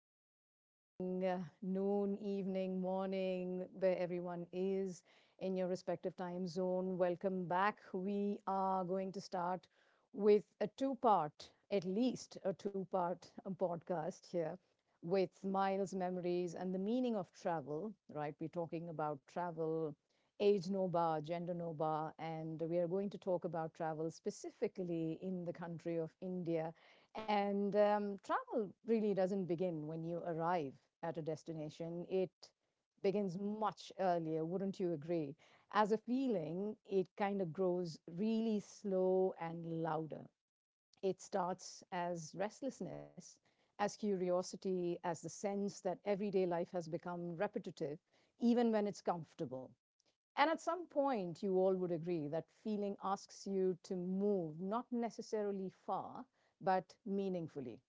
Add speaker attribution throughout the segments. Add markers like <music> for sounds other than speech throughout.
Speaker 1: good evening, noon, evening, morning, where everyone is in your respective time zone. Welcome back. We are going to start with a two part, at least a two-part podcast here with miles, memories, and the meaning of travel, right? We're talking about travel, age no bar, gender no bar, and we are going to talk about travel specifically in the country of India, and travel really doesn't begin when you arrive at a destination. It begins much earlier, wouldn't you agree? As a feeling, it kind of grows really slow and louder. It starts as restlessness, as curiosity, as the sense that everyday life has become repetitive, even when it's comfortable. And at some point, you all would agree that feeling asks you to move, not necessarily far, but meaningfully.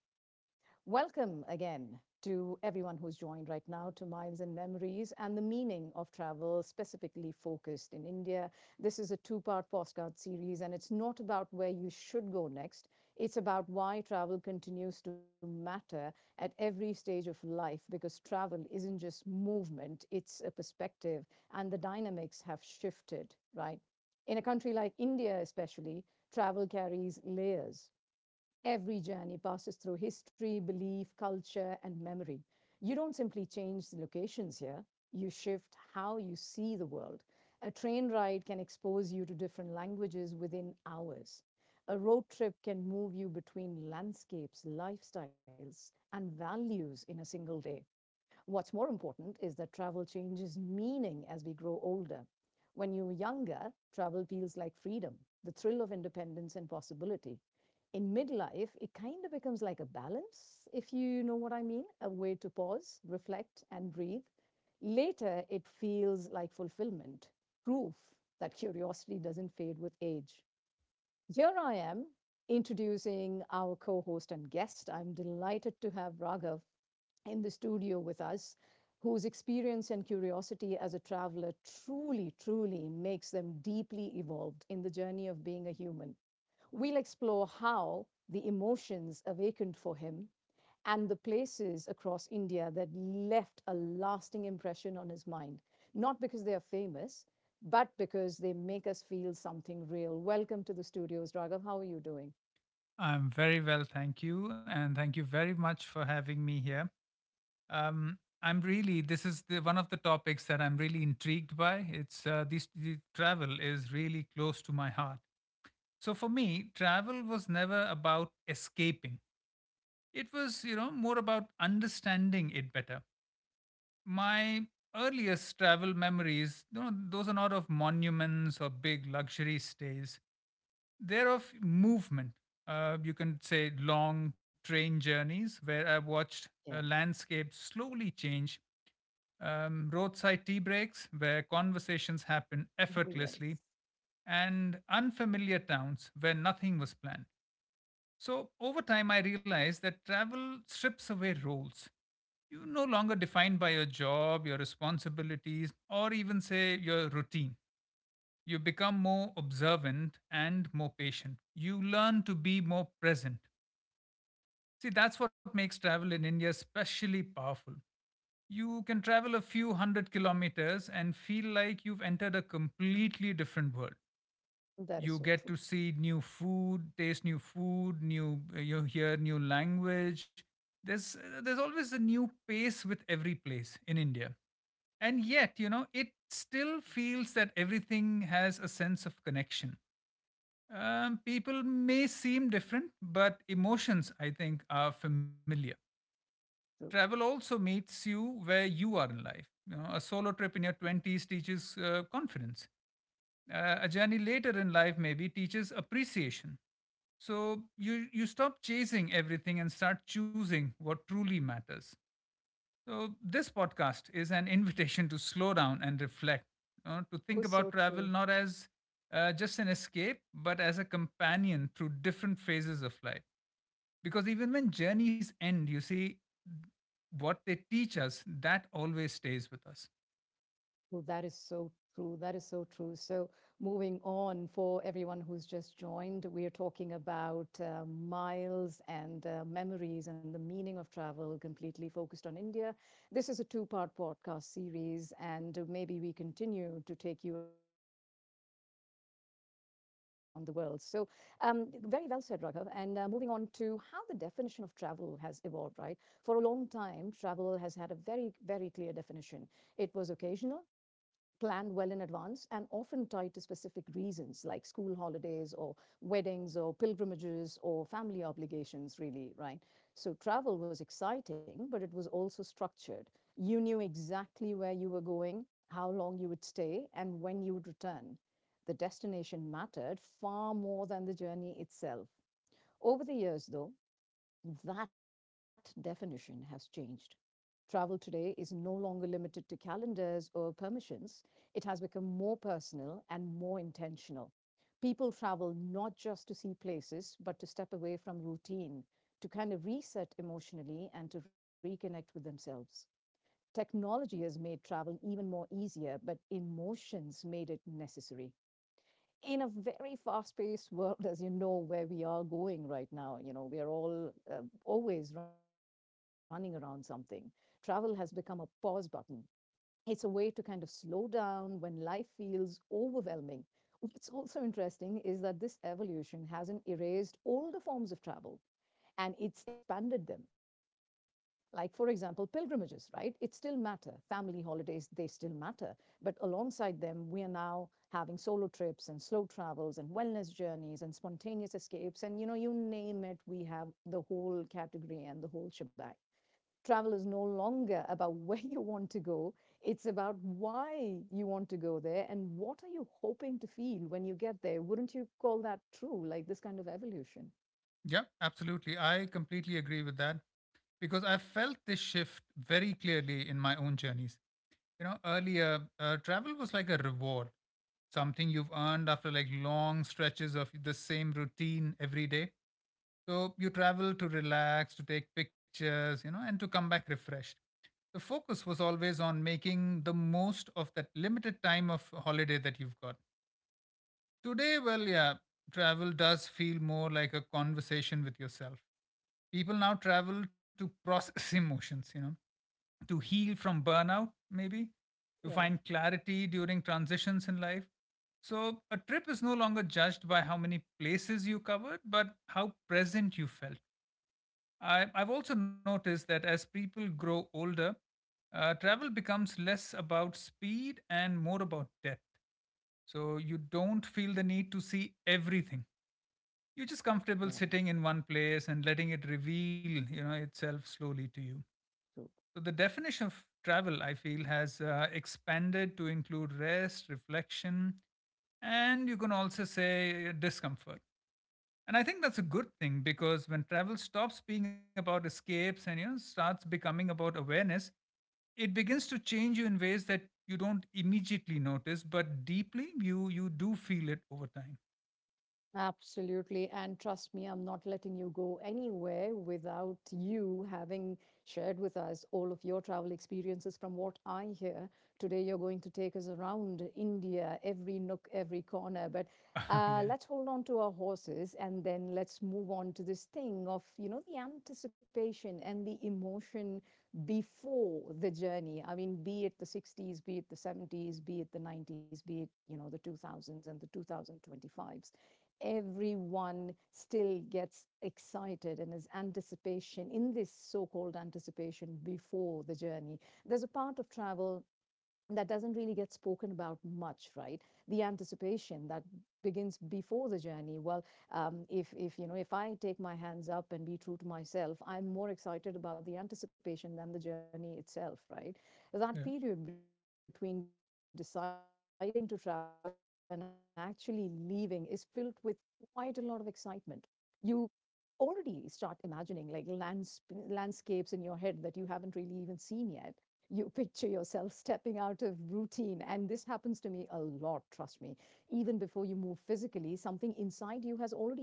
Speaker 1: Welcome again to everyone who's joined right now to Miles and Memories and the Meaning of Travel, specifically focused in India. This is a two-part postcard series, and it's not about where you should go next. It's about why travel continues to matter at every stage of life, because travel isn't just movement, it's a perspective, and the dynamics have shifted, right? In a country like India, especially, travel carries layers. Every journey passes through history, belief, culture, and memory. You don't simply change the locations here, you shift how you see the world. A train ride can expose you to different languages within hours. A road trip can move you between landscapes, lifestyles, and values in a single day. What's more important is that travel changes meaning as we grow older. When you're younger, travel feels like freedom, the thrill of independence and possibility. In midlife, it kind of becomes like a balance, if you know what I mean, a way to pause, reflect, and breathe. Later, it feels like fulfillment, proof that curiosity doesn't fade with age. Here I am introducing our co host and guest. I'm delighted to have Raghav in the studio with us, whose experience and curiosity as a traveler truly, truly makes them deeply evolved in the journey of being a human. We'll explore how the emotions awakened for him and the places across India that left a lasting impression on his mind. Not because they are famous, but because they make us feel something real. Welcome to the studios, Raghav. How are you doing?
Speaker 2: I'm very well, thank you, and thank you very much for having me here. I'm really one of the topics that I'm really intrigued by. It's this the travel is really close to my heart. So for me, travel was never about escaping. It was, you know, more about understanding it better. My earliest travel memories, you know, those are not of monuments or big luxury stays, they're of movement. You can say long train journeys where I watched
Speaker 1: Yeah.
Speaker 2: landscapes slowly change, roadside tea breaks where conversations happen
Speaker 1: Oh,
Speaker 2: effortlessly,
Speaker 1: yes.
Speaker 2: and unfamiliar towns where nothing was planned. So, over time, I realized that travel strips away roles. You're no longer defined by your job, your responsibilities, or even, say, your routine. You become more observant and more patient. You learn to be more present. See, that's what makes travel in India especially powerful. You can travel a few hundred kilometers and feel like you've entered a completely different world.
Speaker 1: That is
Speaker 2: You
Speaker 1: so
Speaker 2: get
Speaker 1: true.
Speaker 2: to see new food, taste new food, new you hear new language. There's always a new pace with every place in India, and yet, you know, it still feels that everything has a sense of connection. People may seem different, but emotions, I think, are familiar.
Speaker 1: True.
Speaker 2: Travel also meets you where you are in life. You know, a solo trip in your 20s teaches confidence. A journey later in life maybe teaches appreciation. So you stop chasing everything and start choosing what truly matters. So, this podcast is an <laughs> invitation to slow down and reflect, you know, to
Speaker 1: Oh,
Speaker 2: think
Speaker 1: so
Speaker 2: about travel
Speaker 1: true.
Speaker 2: not as just an escape, but as a companion through different phases of life. Because even when journeys end, you see what they teach us, that always stays with us.
Speaker 1: Well, that is so true. That is so true. So, moving on, for everyone who's just joined, we are talking about miles and memories and the meaning of travel, completely focused on India. This is a two-part podcast series, and maybe we continue to take you around the world. So, very well said, Raghav. And moving on to how the definition of travel has evolved, right? For a long time, travel has had a very, very clear definition. It was occasional, planned well in advance, and often tied to specific reasons like school holidays or weddings or pilgrimages or family obligations, really, right? So travel was exciting, but it was also structured. You knew exactly where you were going, how long you would stay, and when you would return. The destination mattered far more than the journey itself. Over the years, though, that definition has changed. Travel today is no longer limited to calendars or permissions. It has become more personal and more intentional. People travel not just to see places, but to step away from routine, to kind of reset emotionally and to reconnect with themselves. Technology has made travel even more easier, but emotions made it necessary in a very fast-paced world, <laughs> as you know, where we are going right now, you know, we are all always running around something. Travel has become a pause button. It's a way to kind of slow down when life feels overwhelming. What's also interesting is that this evolution hasn't erased older forms of travel, and it's expanded them. Like, for example, pilgrimages, right? It still matter. Family holidays, they still matter. But alongside them, we are now having solo trips and slow travels and wellness journeys and spontaneous escapes. And, you know, you name it, we have the whole category and the whole shebang. Travel is no longer about <laughs> where you want to go, it's about why you want to go there and what are you hoping to feel when you get there. Wouldn't you call that true, like this kind of evolution?
Speaker 2: Yeah, absolutely. I completely agree with that because I felt this shift very clearly in my own journeys. You know, earlier, travel was like a reward, something you've earned after like long stretches of the same routine every day. So you travel to relax, to take pictures, you know, and to come back refreshed. The focus was always on making the most of that limited time of holiday that you've got. Today, well, yeah, travel does feel more like a conversation with yourself. People now travel to process <laughs> emotions, you know, to heal from burnout, maybe, to
Speaker 1: Yeah.
Speaker 2: find clarity during transitions in life. So, a trip is no longer judged by how many places you covered, but how present you felt. I've also noticed that as people grow older, travel becomes less about speed and more about depth. So you don't feel the need to see everything. You're just comfortable
Speaker 1: Yeah.
Speaker 2: sitting in one place and letting it reveal, you know, itself slowly to you.
Speaker 1: True.
Speaker 2: So the definition of travel, I feel, has expanded to include rest, reflection, and you can also say discomfort. And I think that's a good thing because when travel stops being about escapes and, you know, starts becoming about awareness, it begins to change you in ways that you don't immediately notice, but deeply you do feel it over time.
Speaker 1: Absolutely. And trust me, I'm not letting you go anywhere without you having shared with us all of your travel experiences. From what I hear, today you're going to take us around India, every nook, every corner. But
Speaker 2: <laughs> yeah,
Speaker 1: let's hold on to our horses and then let's move on to this thing of, you know, the anticipation and the emotion before the journey. I mean, be it the 60s, be it the 70s, be it the 90s, be it, you know, the 2000s and the 2025s, everyone still gets excited and is anticipation in this so-called anticipation before the journey. There's a part of travel that doesn't really get spoken about much, right? The anticipation that begins before the journey. Well, if you know, if I take my hands up and be true to myself, I'm more excited about the anticipation than the journey itself, right? That period
Speaker 2: yeah.
Speaker 1: between deciding to travel and actually leaving is filled with quite a lot of excitement. You already start imagining like lands, landscapes in your head that you haven't really even seen yet. You picture yourself stepping out of routine. And this happens to me a lot, trust me. Even before you move physically, something inside you has already shifted.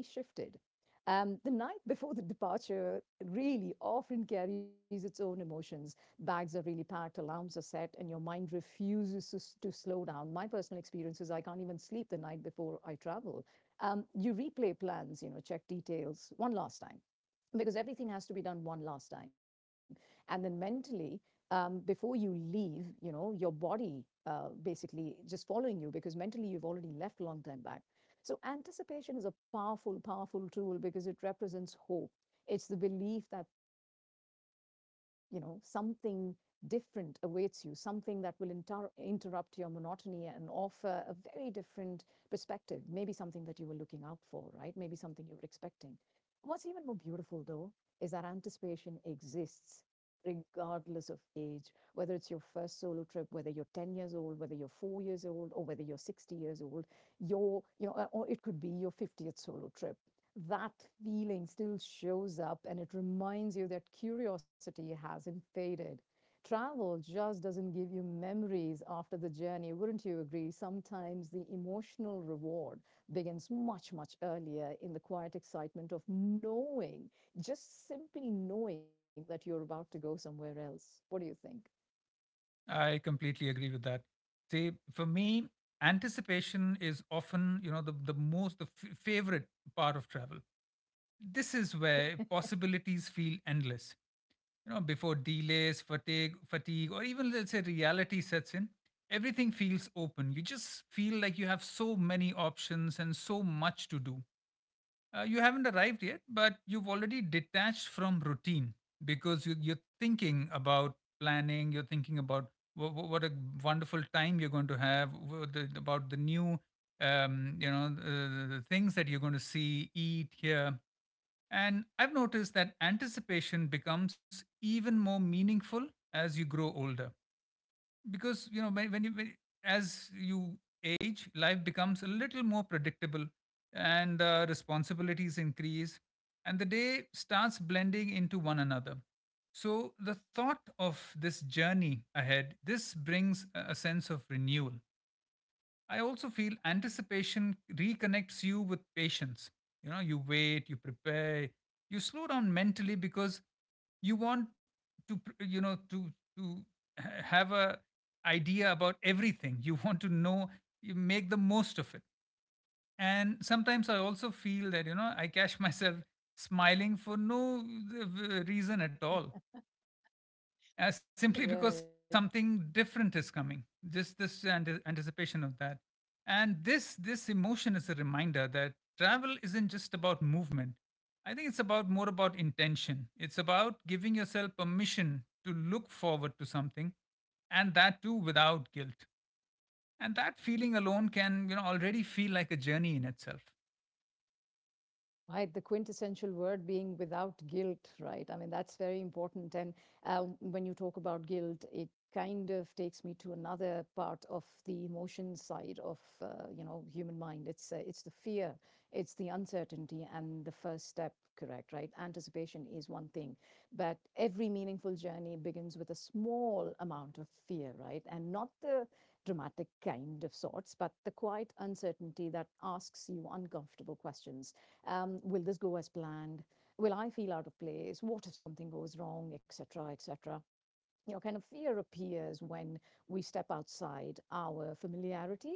Speaker 1: The night <laughs> before the departure really often carries its own emotions. Bags are really packed, alarms are set, and your mind refuses to slow down. My personal experience is I can't even sleep the night before I travel. You replay plans, you know, check details one last time, because everything has to be done one last time. And then mentally, before you leave, you know, your body basically just following you, because mentally you've already left a long time back. So anticipation is a powerful, powerful tool, because it represents hope. It's the belief that, you know, something different awaits you, something that will interrupt your monotony and offer a very different perspective, maybe something that you were looking out for, right? Maybe something you were expecting. What's even more beautiful, though, is that anticipation exists regardless of age, whether it's your first solo trip, whether you're 10 years old, whether you're 4 years old, or whether you're 60 years old, your, you know, or it could be your 50th solo trip. That feeling still shows up and it reminds you that curiosity hasn't faded. Travel just doesn't give you memories after the journey, wouldn't you agree? Sometimes the emotional reward begins much, much earlier in the quiet excitement of knowing, just simply knowing, that you're about to go somewhere else. What do you think?
Speaker 2: I completely agree with that. See, for me, anticipation is often, you know, the most favorite part of travel. This is where possibilities feel endless. You know, before delays, fatigue, or even, let's say, reality sets in, everything feels open. You just feel like you have so many options and so much to do. You haven't arrived yet, but you've already detached from routine because you're thinking about planning, you're thinking about what a wonderful time you're going to have, about the new, you know, the things that you're going to see, eat, hear. And I've noticed that anticipation becomes even more meaningful as you grow older because, you know, as you age, life becomes a little more predictable and responsibilities increase and the day starts blending into one another, so the thought of this journey ahead, this brings a sense of renewal. I also feel anticipation reconnects you with patience. You know, you wait, you prepare, you slow down mentally because you want to, you know, to have a idea about everything. You <laughs> want to know. You make the most of it. And sometimes I also feel that, you know, I catch <laughs> myself smiling for no reason at all, simply because something
Speaker 1: Right.
Speaker 2: different is coming, just this anticipation of that. And this emotion is a reminder that travel isn't just about movement. I think it's about more about intention. It's about giving yourself permission to look forward to something, and that too without guilt. And that feeling alone can, you know, already feel like a journey in itself.
Speaker 1: Right, the quintessential word being without guilt, right? I mean, that's very important. And when you talk about guilt, it kind of takes me to another part of the emotion side of you know, human mind. It's the fear, it's the uncertainty, and the first step, correct? Right, anticipation is one thing, but every meaningful journey begins with a small amount of fear, right? And not the dramatic kind of sorts, but the quiet uncertainty that asks you uncomfortable questions. Will this go as planned? Will I feel out of place? What if something goes wrong, etc., etc.? You know, kind of fear appears when we step outside our familiarity,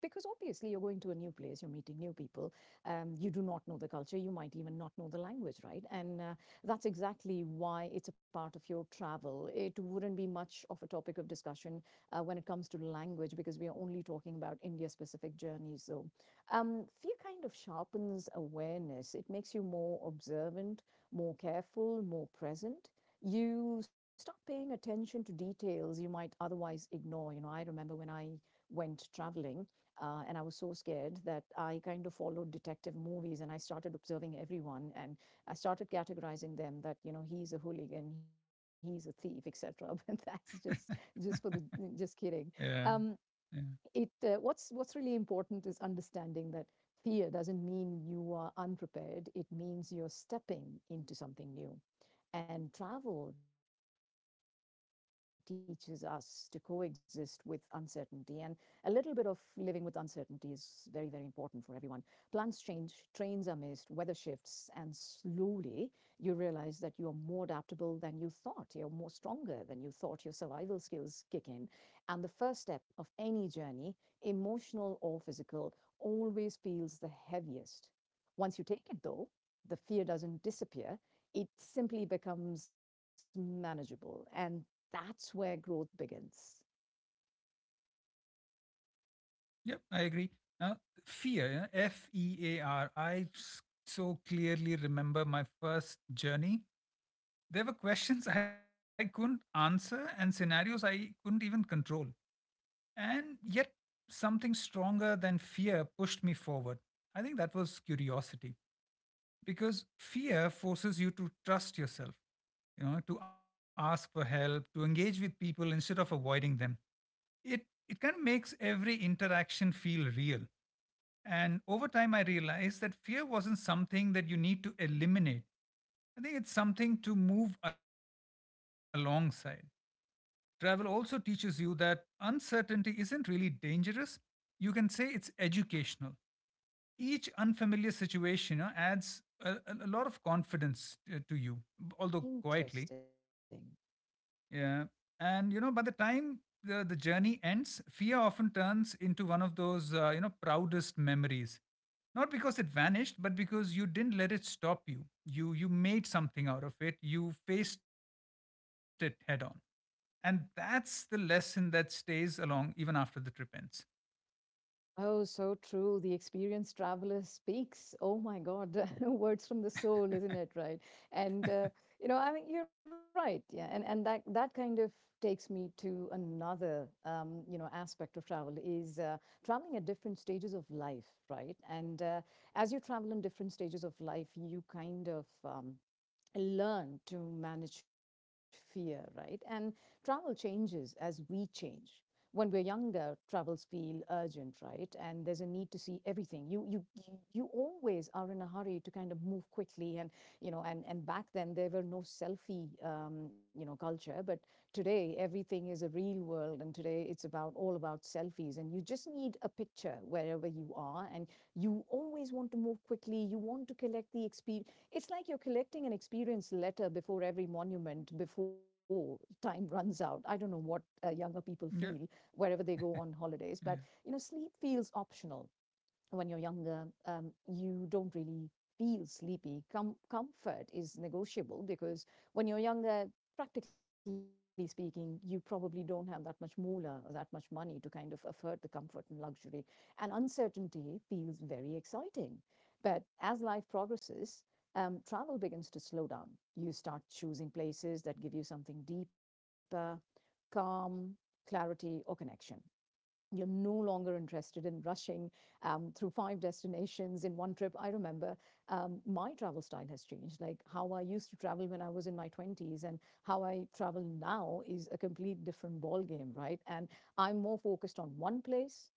Speaker 1: because obviously you're going to a new place, you're meeting new people, you do not know the culture, you might even not know the language, right? And that's exactly why it's a part of your travel. It wouldn't be much of a topic of discussion when it comes to language, because we are only talking about India specific journeys. So fear kind of sharpens awareness, it makes you more observant, more careful, more present. You start paying attention to details you might otherwise ignore. You know, I remember when I went traveling and I was so scared that I kind of followed detective movies and I started observing everyone, and I started categorizing them that, you know, he's a hooligan, he's a thief, etc. <laughs> But that's just
Speaker 2: <laughs>
Speaker 1: just for the just kidding.
Speaker 2: yeah,
Speaker 1: Um,
Speaker 2: yeah.
Speaker 1: it what's really important is understanding that fear doesn't mean you are unprepared. It means you're stepping into something new, and travel teaches us to coexist with uncertainty. And a little bit of living with uncertainty is very, very important for everyone. Plans change, trains are missed, weather shifts, and slowly you realize that you're more adaptable than you thought. You're more stronger than you thought. Your survival skills kick in. And the first step of any journey, emotional or physical, always feels the heaviest. Once you take it, though, the fear doesn't disappear, it simply becomes manageable. And that's where growth begins.
Speaker 2: Yep, I agree. Now, fear, yeah, fear. So clearly remember my first journey. There were questions <laughs> I couldn't answer and scenarios I couldn't even control. And yet, something stronger than fear pushed me forward. I think that was curiosity because fear forces you to trust yourself, you know, to ask for help, to engage with people instead of avoiding them. It, it kind of makes every interaction feel real, and over time, I realized that fear wasn't something that you need to eliminate. I think it's something to move alongside. Travel also teaches you that uncertainty isn't really dangerous. You can say it's educational. Each unfamiliar situation, you know, adds a lot of confidence to you, although quietly.
Speaker 1: Interesting.
Speaker 2: Yeah. And, you know, by the time the journey ends, fear often turns into one of those, you know, proudest memories. Not because it vanished, but because you didn't let it stop you. You made something out of it. You faced it head on. And that's the lesson that stays along even after the trip ends.
Speaker 1: Oh, so true. The experienced traveler speaks. Oh my God, <laughs> words from the soul, isn't it? Right. And you know, I mean, you're right. Yeah, and that kind of takes me to another you know aspect of travel is traveling at different stages of life, right? And as you travel in different stages of life, you kind of learn to manage fear, right? And travel changes as we change. When we're younger, travels feel urgent, right? And there's a need to see everything. You always are in a hurry to kind of move quickly, and you know, and back then there were no selfie, you know, culture. But today everything is a real world, and today it's about all about selfies. And you just need a picture wherever you are, and you always want to move quickly. You want to collect the experience it's like you're collecting an experience letter before every monument before time runs out. I don't know what younger people feel
Speaker 2: Yeah.
Speaker 1: wherever they go on holidays, but you know,
Speaker 2: Yeah.
Speaker 1: sleep feels optional when you're younger, you don't really feel sleepy. Comfort is negotiable because when you're younger, practically speaking, you probably don't have that much moolah or that much money to kind of afford the comfort and luxury. And uncertainty feels very exciting. But as life progresses, travel begins to slow down. You start choosing places that give you something deeper, calm, clarity, or connection. You're no longer interested in rushing through five destinations in one trip. I remember my travel style has changed. Like how I used to travel when I was in my 20s and how I travel now is a complete different ballgame, right? And I'm more focused on one place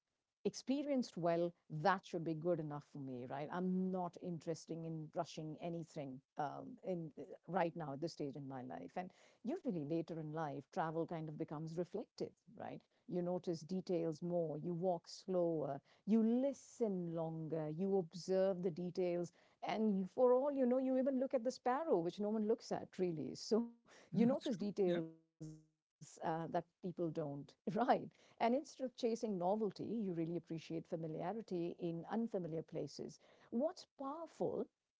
Speaker 1: experienced well, that should be good enough for me, right? I'm not interested in rushing anything in right now at this stage in my life. And usually later in life, travel kind of becomes reflective, right? You notice details more, you walk slower, you listen longer, you observe the details, and for all you know, you even look at the sparrow, which no one looks at really. So <laughs> you notice
Speaker 2: That's true.
Speaker 1: details
Speaker 2: Yeah.
Speaker 1: that people don't, <laughs> right? And instead of chasing novelty, you really appreciate familiarity in unfamiliar places. What's powerful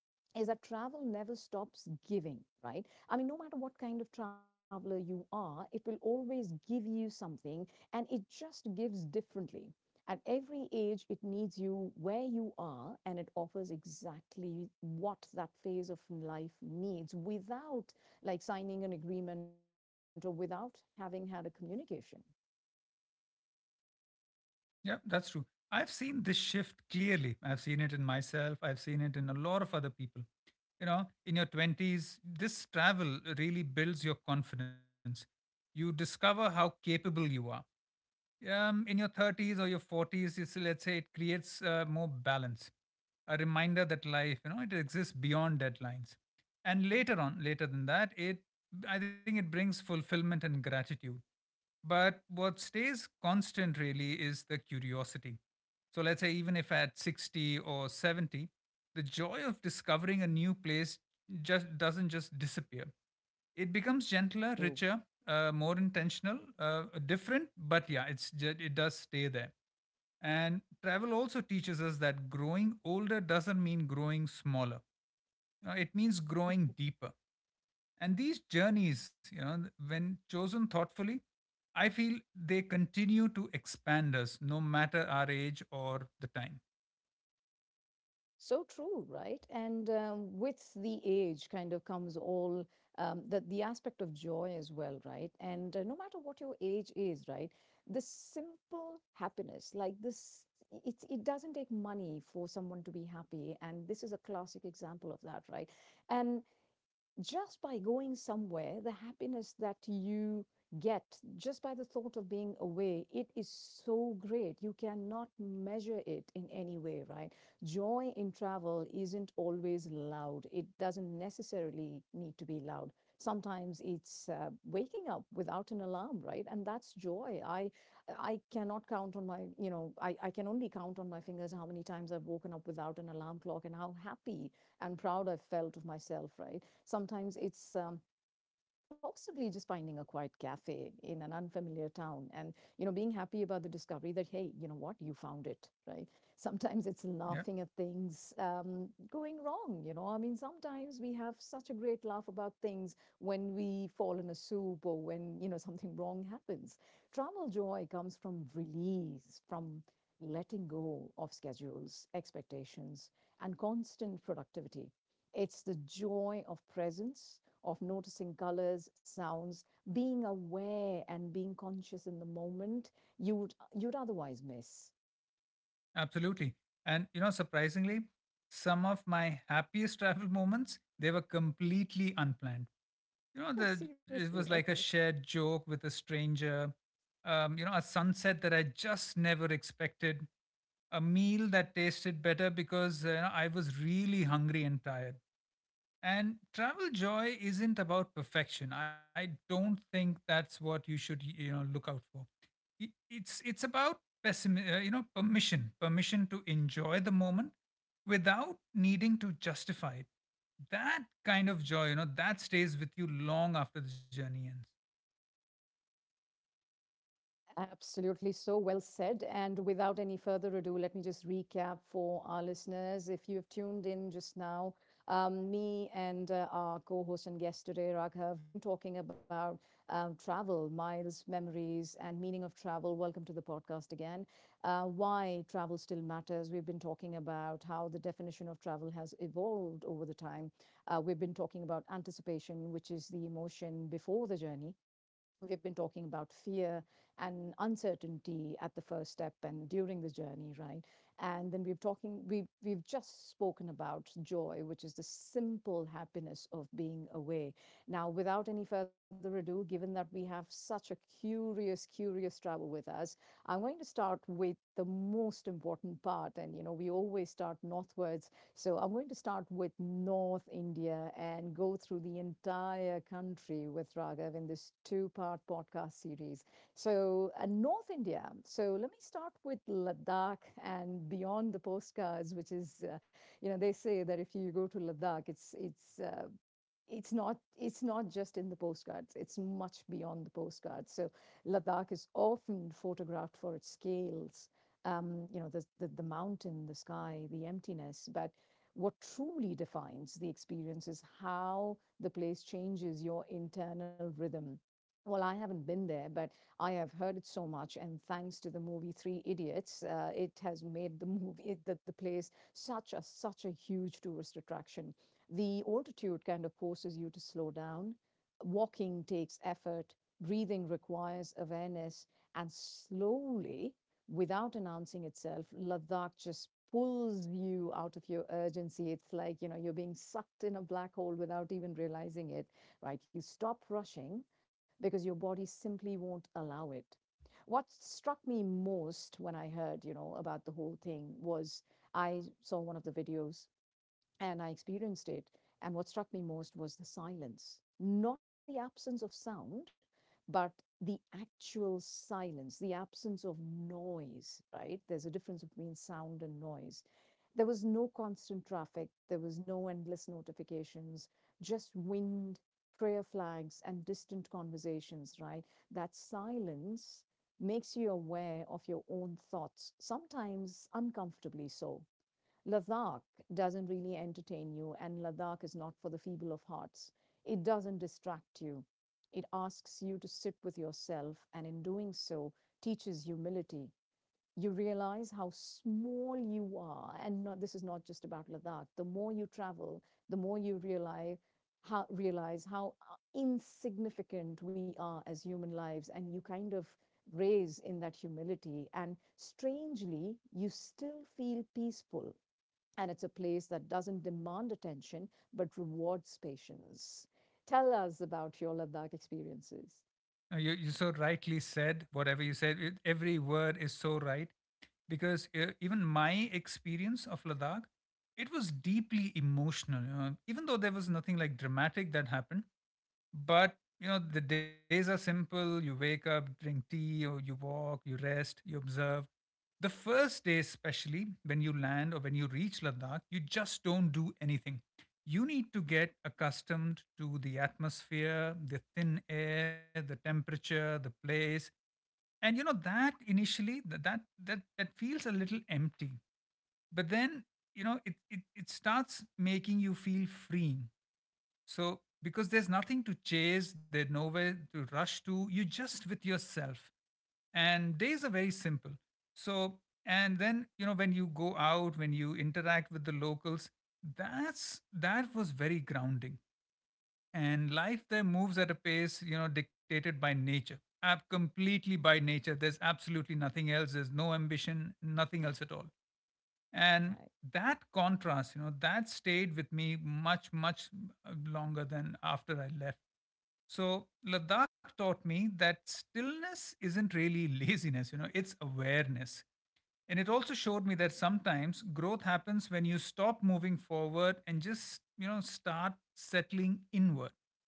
Speaker 1: is that travel never stops giving, right? I mean, no matter what kind of traveler you are, it will always give you something and it just gives differently. At every age, it needs you where you are and it offers exactly what that phase of life needs without like signing an agreement or without having had a communication.
Speaker 2: Yeah, that's true. I've seen this shift clearly. I've seen it in myself. I've seen it in a lot of other people. You know, in your 20s, this travel really builds your confidence. You discover how capable you are. In your 30s or your 40s, it's, let's say, it creates more balance, a reminder that life, you know, it exists beyond deadlines. And later on, later than that, it, I think it brings fulfillment and gratitude. But what stays constant really is the curiosity. So, let's say, even if at 60 or 70, the joy of discovering a new place just doesn't just disappear. It becomes gentler,
Speaker 1: True.
Speaker 2: richer, more intentional, different, but yeah, it's it does stay there. And travel also teaches us that growing older doesn't mean growing smaller. It means growing deeper. And these journeys, you know, when chosen thoughtfully, I feel they continue to expand us, no matter our age or the time.
Speaker 1: So true, right? And with the age, kind of comes all the aspect of joy as well, right? And no matter what your age is, right, the simple happiness, like this, it doesn't take money for someone to be happy, and this is a classic example of that, right? And just by going somewhere, the happiness that you get just by the thought of being away, it is so great. You cannot measure it in any way, right? Joy in travel isn't always loud, it doesn't necessarily need to be loud. Sometimes it's waking up without an alarm, right? And that's joy. I cannot count on my, you know, I can only count on my fingers how many times I've woken up without an alarm clock and how happy and proud I have felt of myself, right? Sometimes it's possibly just finding a quiet cafe in an unfamiliar town and you know being happy about the discovery that hey you know what you found it, right. Sometimes it's
Speaker 2: Yeah.
Speaker 1: laughing at things going wrong. You know, I mean sometimes we have such a great laugh about things when we fall in a soup or when you know something wrong happens. Travel joy comes from release, from letting go of schedules, expectations, and constant productivity. It's the joy of presence, of noticing colors, sounds, being aware and being conscious in the moment you'd otherwise miss.
Speaker 2: Absolutely. And, you know, surprisingly, some of my happiest <laughs> travel moments, they were completely unplanned. You know,
Speaker 1: Oh,
Speaker 2: it was
Speaker 1: seriously?
Speaker 2: like a
Speaker 1: Okay.
Speaker 2: shared joke with a stranger, you know, a sunset that I just never expected, a meal that tasted better because, you know, I was really hungry and tired. And travel joy isn't about perfection. I don't think that's what you should you know look out for. It's about you know, permission to enjoy the moment without needing to justify it. That kind of joy, you know, that stays with you long after the journey ends.
Speaker 1: Absolutely. So well said. And without any further ado, let me just recap for our listeners. If you have tuned in just now, me and our co host and guest today, Raghav, we've been talking about travel, miles, memories, and meaning of travel. Welcome to the podcast again. Why travel still matters. We've been talking about how the definition of travel has evolved over the time. We've been talking about anticipation, which is the emotion before the journey. We've been talking about fear and uncertainty at the first step and during the journey, right? And then we've talking we we've just spoken about joy, which is the simple happiness of being away. Now, without any further ado, given that we have such a curious travel with us, I'm going to start with the most important part. And you know, we always start northwards, so I'm going to start with North India and go through the entire country with Raghav in this two-part podcast series. So, North India. So, let me start with Ladakh and beyond the postcards, which is, you know, they say that if you go to Ladakh, it's not, it's not just in the postcards, it's much beyond the postcards. So Ladakh is often photographed for its scales, you know, the mountain, the sky, the emptiness, but what truly defines the experience is how the place changes your internal rhythm. Well, I haven't been there, but I have heard it so much. And thanks to the movie Three Idiots, it has made the movie, it, the place, such a huge tourist attraction. The altitude kind of forces you to slow down. Walking takes effort, breathing requires awareness, and slowly, without announcing itself, Ladakh just pulls you out of your urgency. It's like you know you're being sucked in a black hole without even realizing it, right? You stop rushing because your body simply won't allow it. What struck me most when I heard you know about the whole thing was I saw one of the videos and I experienced it. And what struck me most was the silence, not the absence of sound, but the actual silence, the absence of noise, right? There's a difference between sound and noise. There was no constant traffic, there was no endless notifications, just wind, prayer flags, and distant conversations, right? That silence makes you aware of your own thoughts, sometimes uncomfortably so. Ladakh doesn't really entertain you, and Ladakh is not for the feeble of hearts. It doesn't distract you. It asks you to sit with yourself, and in doing so, teaches humility. You realize how small you are, and not, this is not just about Ladakh. The more you travel, the more you realize how insignificant we are as human lives, and you kind of raise in that humility. And strangely, you still feel peaceful and it's a place that doesn't demand attention but rewards patience. Tell us about your Ladakh experiences.
Speaker 2: You so rightly said whatever you said. It, every word is so right because, even my experience of Ladakh, it was deeply emotional. Even though there was nothing like dramatic that happened, but you know, the days are simple. You wake up, drink tea, or you walk, you rest, you observe. The first day, especially when you land or when you reach Ladakh, you just don't do anything. You need to get accustomed to the atmosphere, the thin air, the temperature, the place. And you know, that initially that feels a little empty. But then, you know, it starts making you feel free. So, because there's nothing to chase, there's nowhere to rush to, you're just with yourself. And days are very simple. So, and then, you know, when you go out, when you interact with the locals, that was very grounding. And life there moves at a pace, you know, dictated by nature, completely by nature. There's absolutely nothing else. There's no ambition, nothing else at all. And
Speaker 1: Right.
Speaker 2: that contrast, you know, that stayed with me much longer than after I left. So Ladakh taught me that stillness isn't really <laughs> laziness, it's awareness. And it also showed me that sometimes growth happens when you stop moving forward and just start settling inward. <laughs>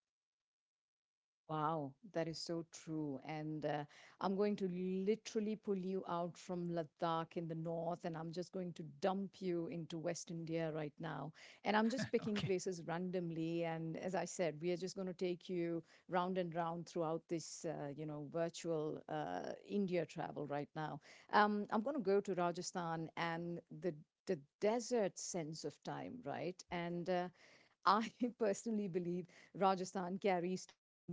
Speaker 1: Wow, that is so true. And I'm going to literally pull you out from Ladakh in the north, and I'm just going to dump you into West India right now. And I'm just
Speaker 2: Okay.
Speaker 1: picking places randomly. And as I said, we are just going to take you round and round throughout this, you know, virtual India travel right now. I'm going to go to Rajasthan and the desert sense of time, right? And I <laughs> personally believe Rajasthan carries time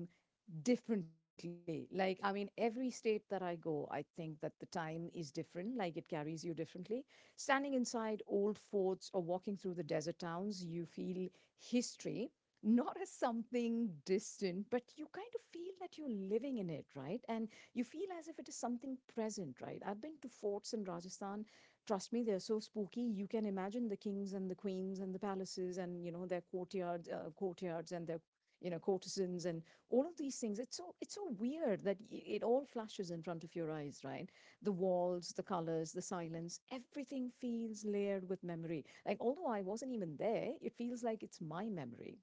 Speaker 1: differently. Like, I mean, every state that I go, I think that the time is different, like, it carries you differently. Standing inside old forts or walking through the desert towns, you feel history. Not as something distant, but you kind of feel that you're living in it, right? And you feel as if it is something present, right? I've been to forts in Rajasthan, trust me, they're so spooky. You can imagine the kings and the queens and the palaces and you know their courtyards, courtyards and their you know courtesans and all of these things. It's so weird that it all flashes in front of your eyes, right? The walls, the colors, the silence, everything feels layered with memory. Like although I wasn't even there, it feels like it's my memory.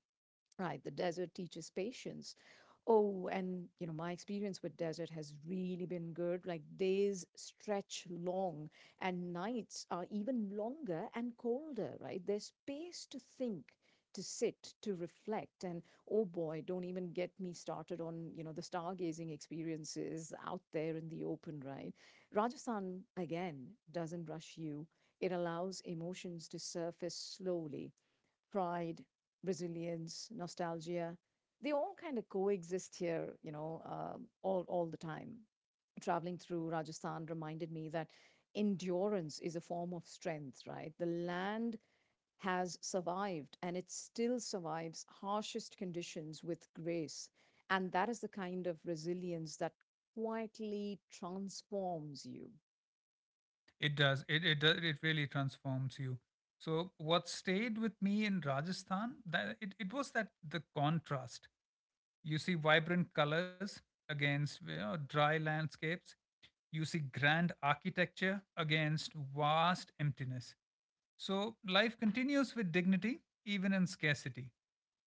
Speaker 1: Right, the desert teaches patience. Oh, and my experience with desert has really been good. Like days stretch long and nights are even longer and colder, right? There's space to think, to sit, to reflect. And oh boy, don't even get me started on, the stargazing experiences out there in the open, right? Rajasthan, again, doesn't rush you. It allows emotions to surface slowly: pride, resilience, nostalgia. They all kind of coexist here, all the time. Traveling through Rajasthan reminded me that endurance is a form of strength, right? The land has survived and it still survives harshest conditions with grace. And that is the kind of resilience that quietly transforms you.
Speaker 2: It does. It does, it really transforms you. So what stayed with me in Rajasthan, that it was that the contrast. You see vibrant colors against dry landscapes. You see grand architecture against vast emptiness. So life continues with dignity, even in scarcity.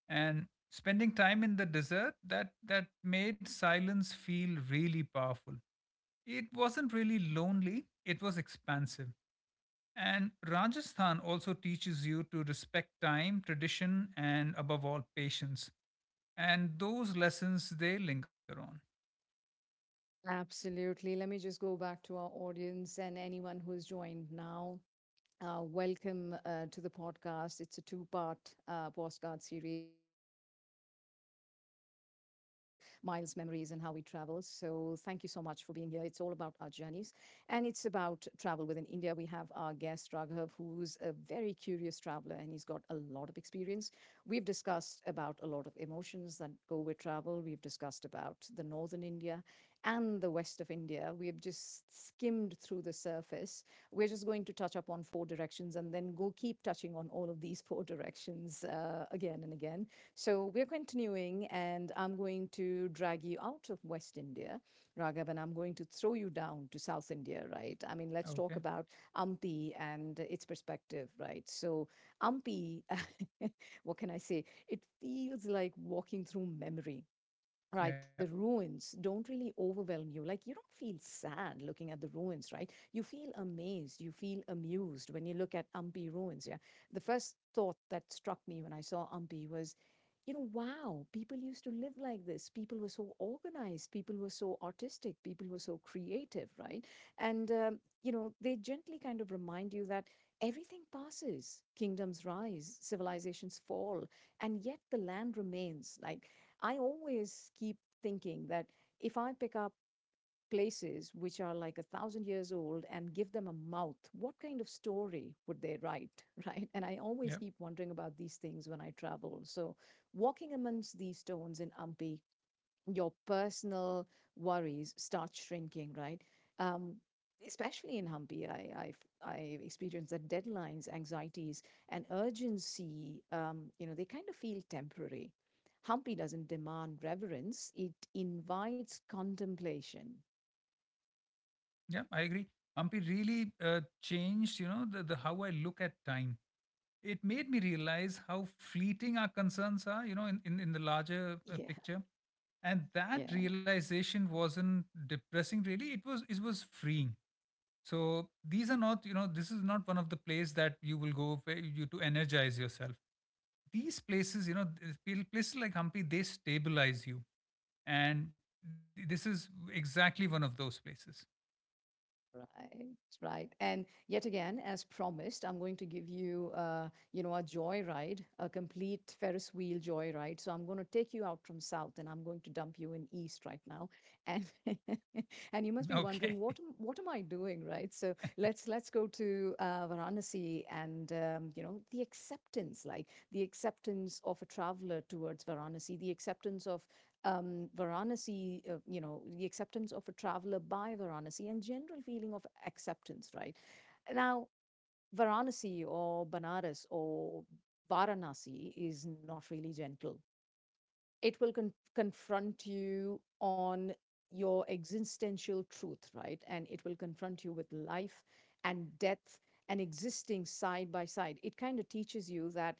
Speaker 2: And spending time in the desert, that made silence feel really powerful. It wasn't really lonely, it was expansive. And Rajasthan also teaches you to respect time, tradition, and above all, patience, and those lessons, they linger on.
Speaker 1: Absolutely. Let me just go back to our audience and anyone who's joined now. Welcome to the podcast. It's a two part postcard series on miles, memories, and how we travel. So, thank you so much for being here. It's all about our journeys, and it's about travel within India. We have our guest, Raghav, who's a very curious traveler and he's got a lot of experience. We've discussed about a lot of emotions that go with travel, we've discussed about the northern India and the west of India. We've just skimmed through the surface. We're just going to touch up on four directions and then go keep touching on all of these <laughs> four directions again and again. So we're continuing, and I'm going to drag you out of West India, Raghav, and I'm going to throw you down to South India, right? I mean, let's talk
Speaker 2: Okay.
Speaker 1: about Ampi and its perspective, right? So, Ampi, <laughs> what can I say? It feels like walking through memory. Right,
Speaker 2: Yeah.
Speaker 1: the ruins don't really overwhelm you. Like, you don't feel sad looking at the ruins, right? You feel amazed, you feel amused when you look at Ampi ruins. Yeah. The first thought that struck me when I saw Ampi was, you know, wow, people used to live like this. People were so organized, people were so artistic, people were so creative, right? And, you know, they gently kind of remind you that everything passes, kingdoms rise, civilizations fall, and yet the land remains. Like, I always keep thinking that if I pick up places which are like a thousand years old and give them a mouth, what kind of story would they write, <laughs> right? And I always
Speaker 2: yeah
Speaker 1: keep wondering about these things when I travel. So walking amongst these stones in Ampi, your personal worries start shrinking, right? Um, Especially in Hampi, I've experienced that deadlines, anxieties, and urgency, you know, they kind of feel temporary. Hampi doesn't demand reverence, it invites contemplation.
Speaker 2: yeah I agree. Ampi really changed, you know the how I look at time. It made me realize how fleeting our concerns are, in the larger
Speaker 1: Yeah,
Speaker 2: picture. And that
Speaker 1: yeah.
Speaker 2: realization wasn't depressing, really. It was freeing. So these are not, you know, this is not one of the place that you will go for you to energize yourself. These places, places like Hampi, they stabilize you. And this is exactly one of those places.
Speaker 1: Right, right. And yet again, as promised, I'm going to give you, you know, a joyride, a complete Ferris wheel joyride. So I'm going to take you out from south, and I'm going to dump you in east right now. And <laughs> and you must be
Speaker 2: Okay.
Speaker 1: wondering
Speaker 2: <laughs>
Speaker 1: what am I doing, right? So let's go to Varanasi and you know, the acceptance, like the acceptance of a traveler towards Varanasi, the acceptance of Varanasi, you know, the acceptance of a traveler by Varanasi and general feeling of acceptance, right? Now, Varanasi or Banaras or Varanasi is not really gentle, it will confront you on your existential truth, right? And it will confront you with life and death and existing side by side. It kind of teaches you that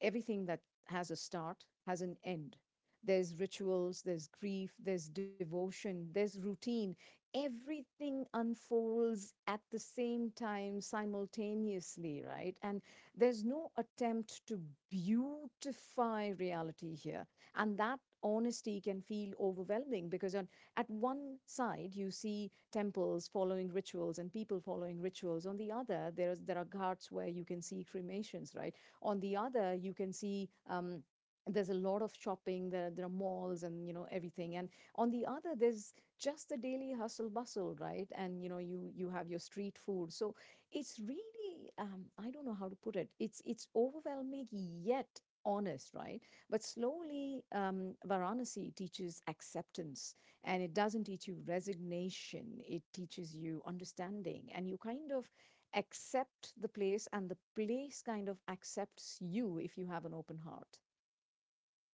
Speaker 1: everything that has a start has an end. There's rituals, there's grief, there's devotion, there's routine. Everything unfolds at the same time, simultaneously, right? And there's no attempt to beautify reality here, and that honesty can feel overwhelming because on at one side you see temples following rituals and people following rituals, on the other there are ghats where you can see cremations, right? On the other you can see there's a lot of shopping there, there are malls and you know everything. And on the other there's just the daily hustle bustle, right? And you know you have your street food. So it's really, I don't know how to put it, it's overwhelming yet honest, right? But slowly, Varanasi teaches acceptance, and it doesn't teach you resignation. It teaches you understanding and you kind of accept the place and the place kind of accepts you if you have an open heart.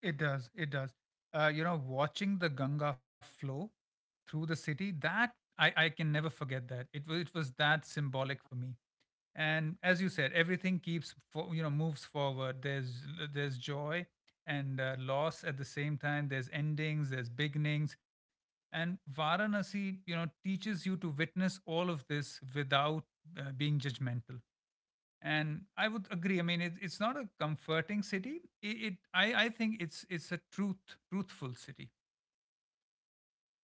Speaker 2: It does. It does. You know, watching the Ganga flow through the city, that I can never forget that. It was that symbolic for me. And as you said, everything you know, moves forward. There's joy and loss at the same time. There's endings, there's beginnings. And Varanasi, you know, teaches you to witness all of this without being judgmental. And I would agree, I mean, it's not a comforting city. It, it i i think it's a truthful city.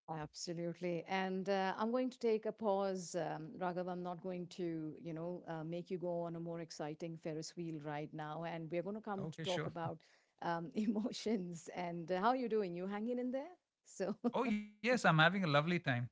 Speaker 1: Absolutely. And I'm going to take a pause, Raghav. I'm not going to, you know, make you go on a more exciting Ferris wheel right now. And we're going to come to
Speaker 2: Okay,
Speaker 1: talk
Speaker 2: sure.
Speaker 1: about <laughs> emotions and how you're doing. You hanging in there? So
Speaker 2: Oh yes, I'm having a lovely time.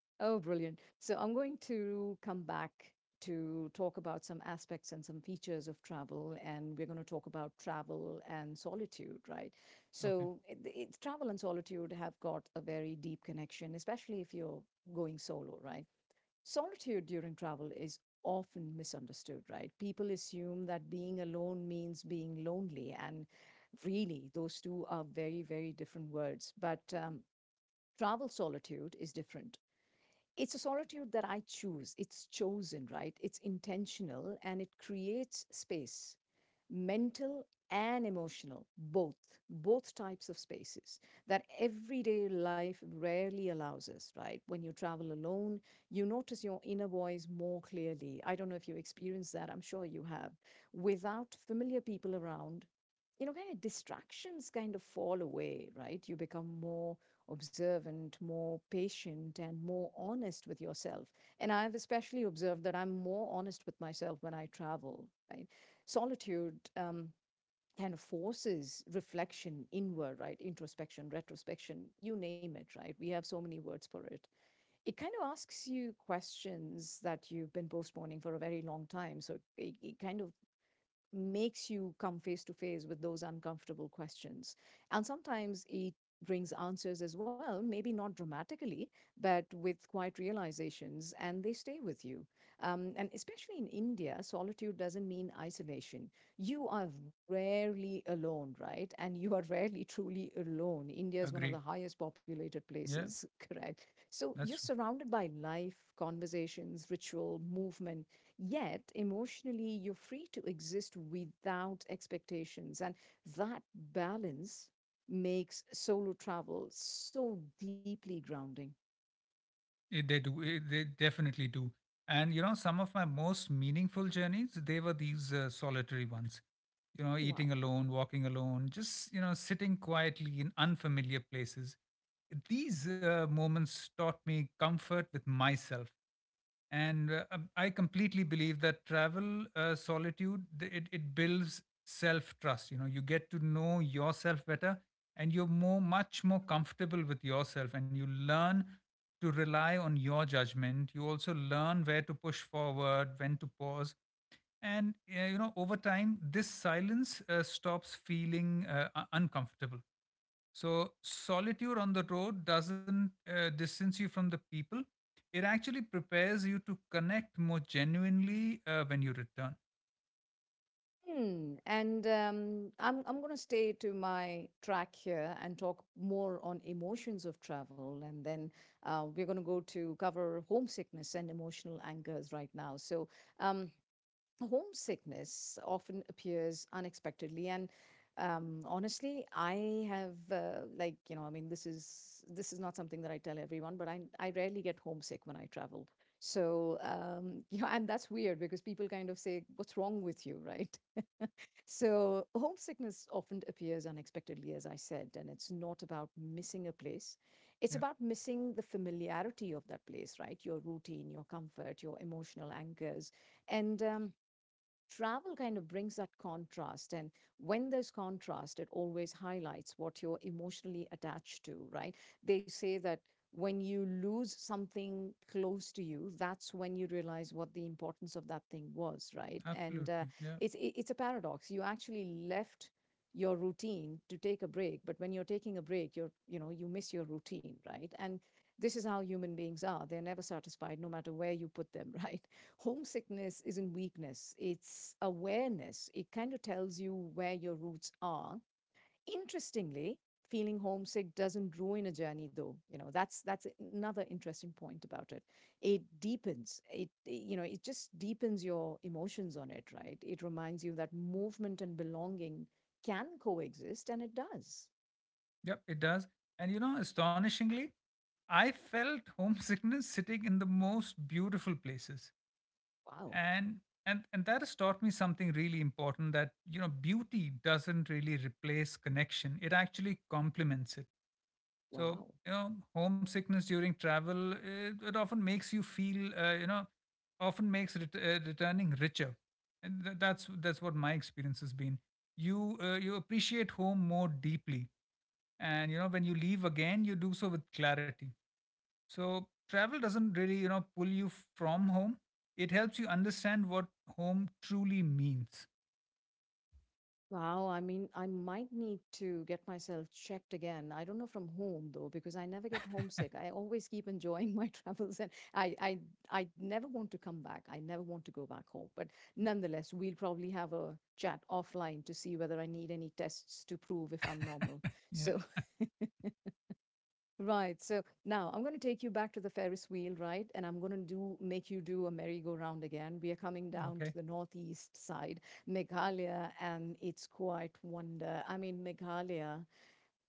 Speaker 1: Oh, brilliant. So I'm going to come back to talk about some aspects and some features of travel, and we're going to talk about travel and solitude, right? So
Speaker 2: Okay.
Speaker 1: it's travel and solitude have got a very deep connection, especially if you're going solo, right? Solitude during travel is often misunderstood, right? People assume that being alone means being lonely, and really, those two are very, very different words. But travel solitude is different. It's a solitude that I choose. It's chosen, right? It's intentional and it creates space, mental and emotional, both, both types of spaces that everyday life rarely allows us, right? When you travel alone, you notice your inner voice more clearly. I don't know if you experience that, I'm sure you have. Without familiar people around, you know, kind of distractions kind of fall away, right? You become more observant, more patient, and more honest with yourself. And I've especially observed that I'm more honest with myself when I travel, right? Solitude kind of forces reflection inward, right? Introspection, retrospection, you name it, right? We have so many words for it. It kind of asks you questions that you've been postponing for a very long time. So it kind of makes you come face to face with those uncomfortable questions. And sometimes it brings answers as well, maybe not dramatically, but with quiet realizations, and they stay with you. And especially in India, solitude doesn't mean isolation. You are rarely alone, right? And you are <laughs> rarely truly alone. India is one of the
Speaker 2: Agreed.
Speaker 1: highest populated
Speaker 2: Yeah.
Speaker 1: places, <laughs> correct? So you're
Speaker 2: That's—
Speaker 1: surrounded by life, conversations, ritual, movement. Yet, emotionally, you're free to exist without expectations. And that balance makes solo travel so deeply grounding.
Speaker 2: It, they do. It, they definitely do. And you know, some of my most meaningful journeys, they were these solitary ones. You know,
Speaker 1: Wow.
Speaker 2: eating alone, walking alone, just you know, sitting quietly in unfamiliar places. These moments taught me comfort with myself, and I completely believe that travel solitude, it builds self trust. You know, you get to know yourself better, and you're more much more comfortable with yourself, and you learn to rely on your judgment. You also learn where to push forward, when to pause. And you know, over time, this silence stops feeling uncomfortable. So solitude on the road doesn't distance you from the people. It actually prepares you to connect more genuinely when you return.
Speaker 1: Hmm. And I'm going to stay to my track here and talk more on emotions of travel. And then we're going to go to cover homesickness and emotional angers right now. So, um, homesickness often appears unexpectedly. And honestly I have, like you know, I mean, this is not something that I tell everyone, but I rarely get homesick when I travel. So <laughs> you know, and that's weird because people kind of say what's wrong with you, right? <laughs> So homesickness often appears unexpectedly, as I said, and it's not about missing a place,
Speaker 2: Yeah,
Speaker 1: it's about missing the familiarity of that place, right? Your routine, your comfort, your emotional anchors. And travel kind of brings that contrast, and when there's contrast it always highlights what you're emotionally attached to, right? They say that when you lose something close to you, that's when you realize what the importance of that thing was, right? And
Speaker 2: absolutely. Yeah,
Speaker 1: it's it's a paradox. You actually left your routine to take a break, but when you're taking a break you're, you know, you miss your routine, right? And this is how human beings are, they're never satisfied no matter where you put them, <laughs> right? Homesickness isn't weakness, it's awareness. It kind of tells you where your roots are. Interestingly, feeling homesick doesn't ruin a journey, though. You know, that's another interesting point about it. It deepens it, you know, it just deepens your emotions on it, right? It reminds you that movement and belonging can coexist, and it does.
Speaker 2: yep, it does. And you know, astonishingly, I felt homesickness sitting in the most beautiful places.
Speaker 1: Wow.
Speaker 2: And and that has taught me something really important, that you know, beauty doesn't really replace connection. It actually complements it. So,
Speaker 1: Wow.
Speaker 2: you know, homesickness during travel, it often makes you feel, often makes returning richer. And that's what my experience has been. You you appreciate home more deeply, and you know, when you leave again, you do so with clarity. So travel doesn't really, you know, pull you from home. It helps you understand what home truly means.
Speaker 1: Wow, I mean, I might need to get myself checked again. I don't know from whom though, because I never get homesick. I always keep enjoying my <laughs> travels and I I never want to come back. I never want to go back home. But nonetheless, we'll probably have a chat offline to see whether I need any tests to prove if I'm normal.
Speaker 2: <laughs> Yeah.
Speaker 1: So Right. So now I'm going to take you back to the Ferris wheel, right? And I'm going to do make you do a merry-go-round again. We are coming down to
Speaker 2: Okay.
Speaker 1: the northeast side, Meghalaya, and its quite wonder. I mean, Meghalaya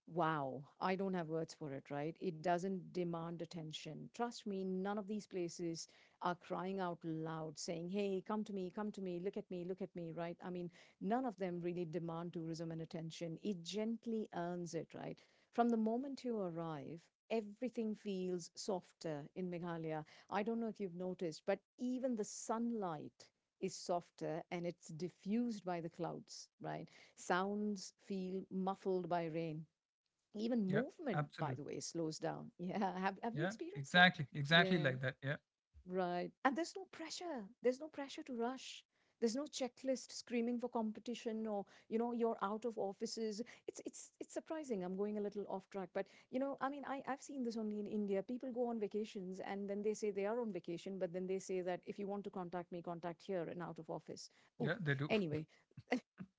Speaker 1: Wow, I don't have words for it, right? It doesn't demand attention. Trust me, none of these places are crying out loud saying, "Hey, come to me, look at me, look at me," right? I mean, none of them really demand tourism and attention. It gently earns it, right? From the moment you arrive, everything feels softer in Meghalaya. I don't know if you've noticed, but even the sunlight is softer and it's diffused by the clouds, right? Sounds feel muffled by rain, even
Speaker 2: Yeah.
Speaker 1: movement, by
Speaker 2: Absolute.
Speaker 1: the way, slows down. <laughs> Yeah. Have you
Speaker 2: Yeah.
Speaker 1: experienced that?
Speaker 2: Exactly. Exactly
Speaker 1: Yeah,
Speaker 2: like that. Yeah.
Speaker 1: right. And there's no pressure. There's no pressure to rush. There's no checklist screaming for competition or, you know, you're out of offices. It's surprising. I'm going a little off track. But you know, I mean I've seen this only in India. People go on vacations and then they say they are on vacation, but then they say that if you want to contact me, contact here and out of office. Ooh.
Speaker 2: Yeah. They do.
Speaker 1: Anyway,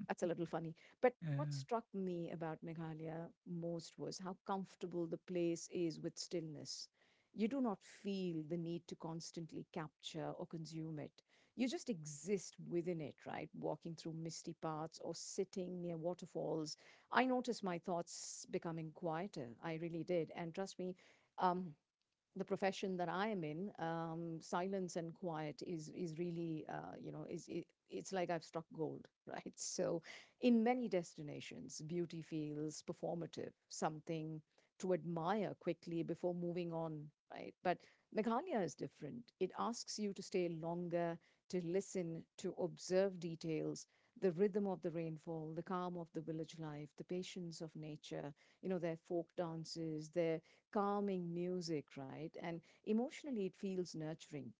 Speaker 1: that's a little funny. But
Speaker 2: <laughs>
Speaker 1: what
Speaker 2: Yeah.
Speaker 1: struck me about Meghalaya most was how comfortable the place is with stillness. You do not feel the need to constantly capture or consume it. You just exist within it, right? Walking through misty paths or sitting near waterfalls. I noticed my thoughts becoming quieter. I really did. And trust me, um, the profession that I am in, silence and quiet is really you know it's like I've struck gold, <laughs> right? So, in many destinations, beauty feels performative, something to admire quickly before moving on, right? But Meghalaya is different. It asks you to stay longer, to listen, to observe details, the rhythm of the rainfall, the calm of the village life, the patience of nature. You know their folk dances, their calming music, right? And emotionally, it feels nurturing,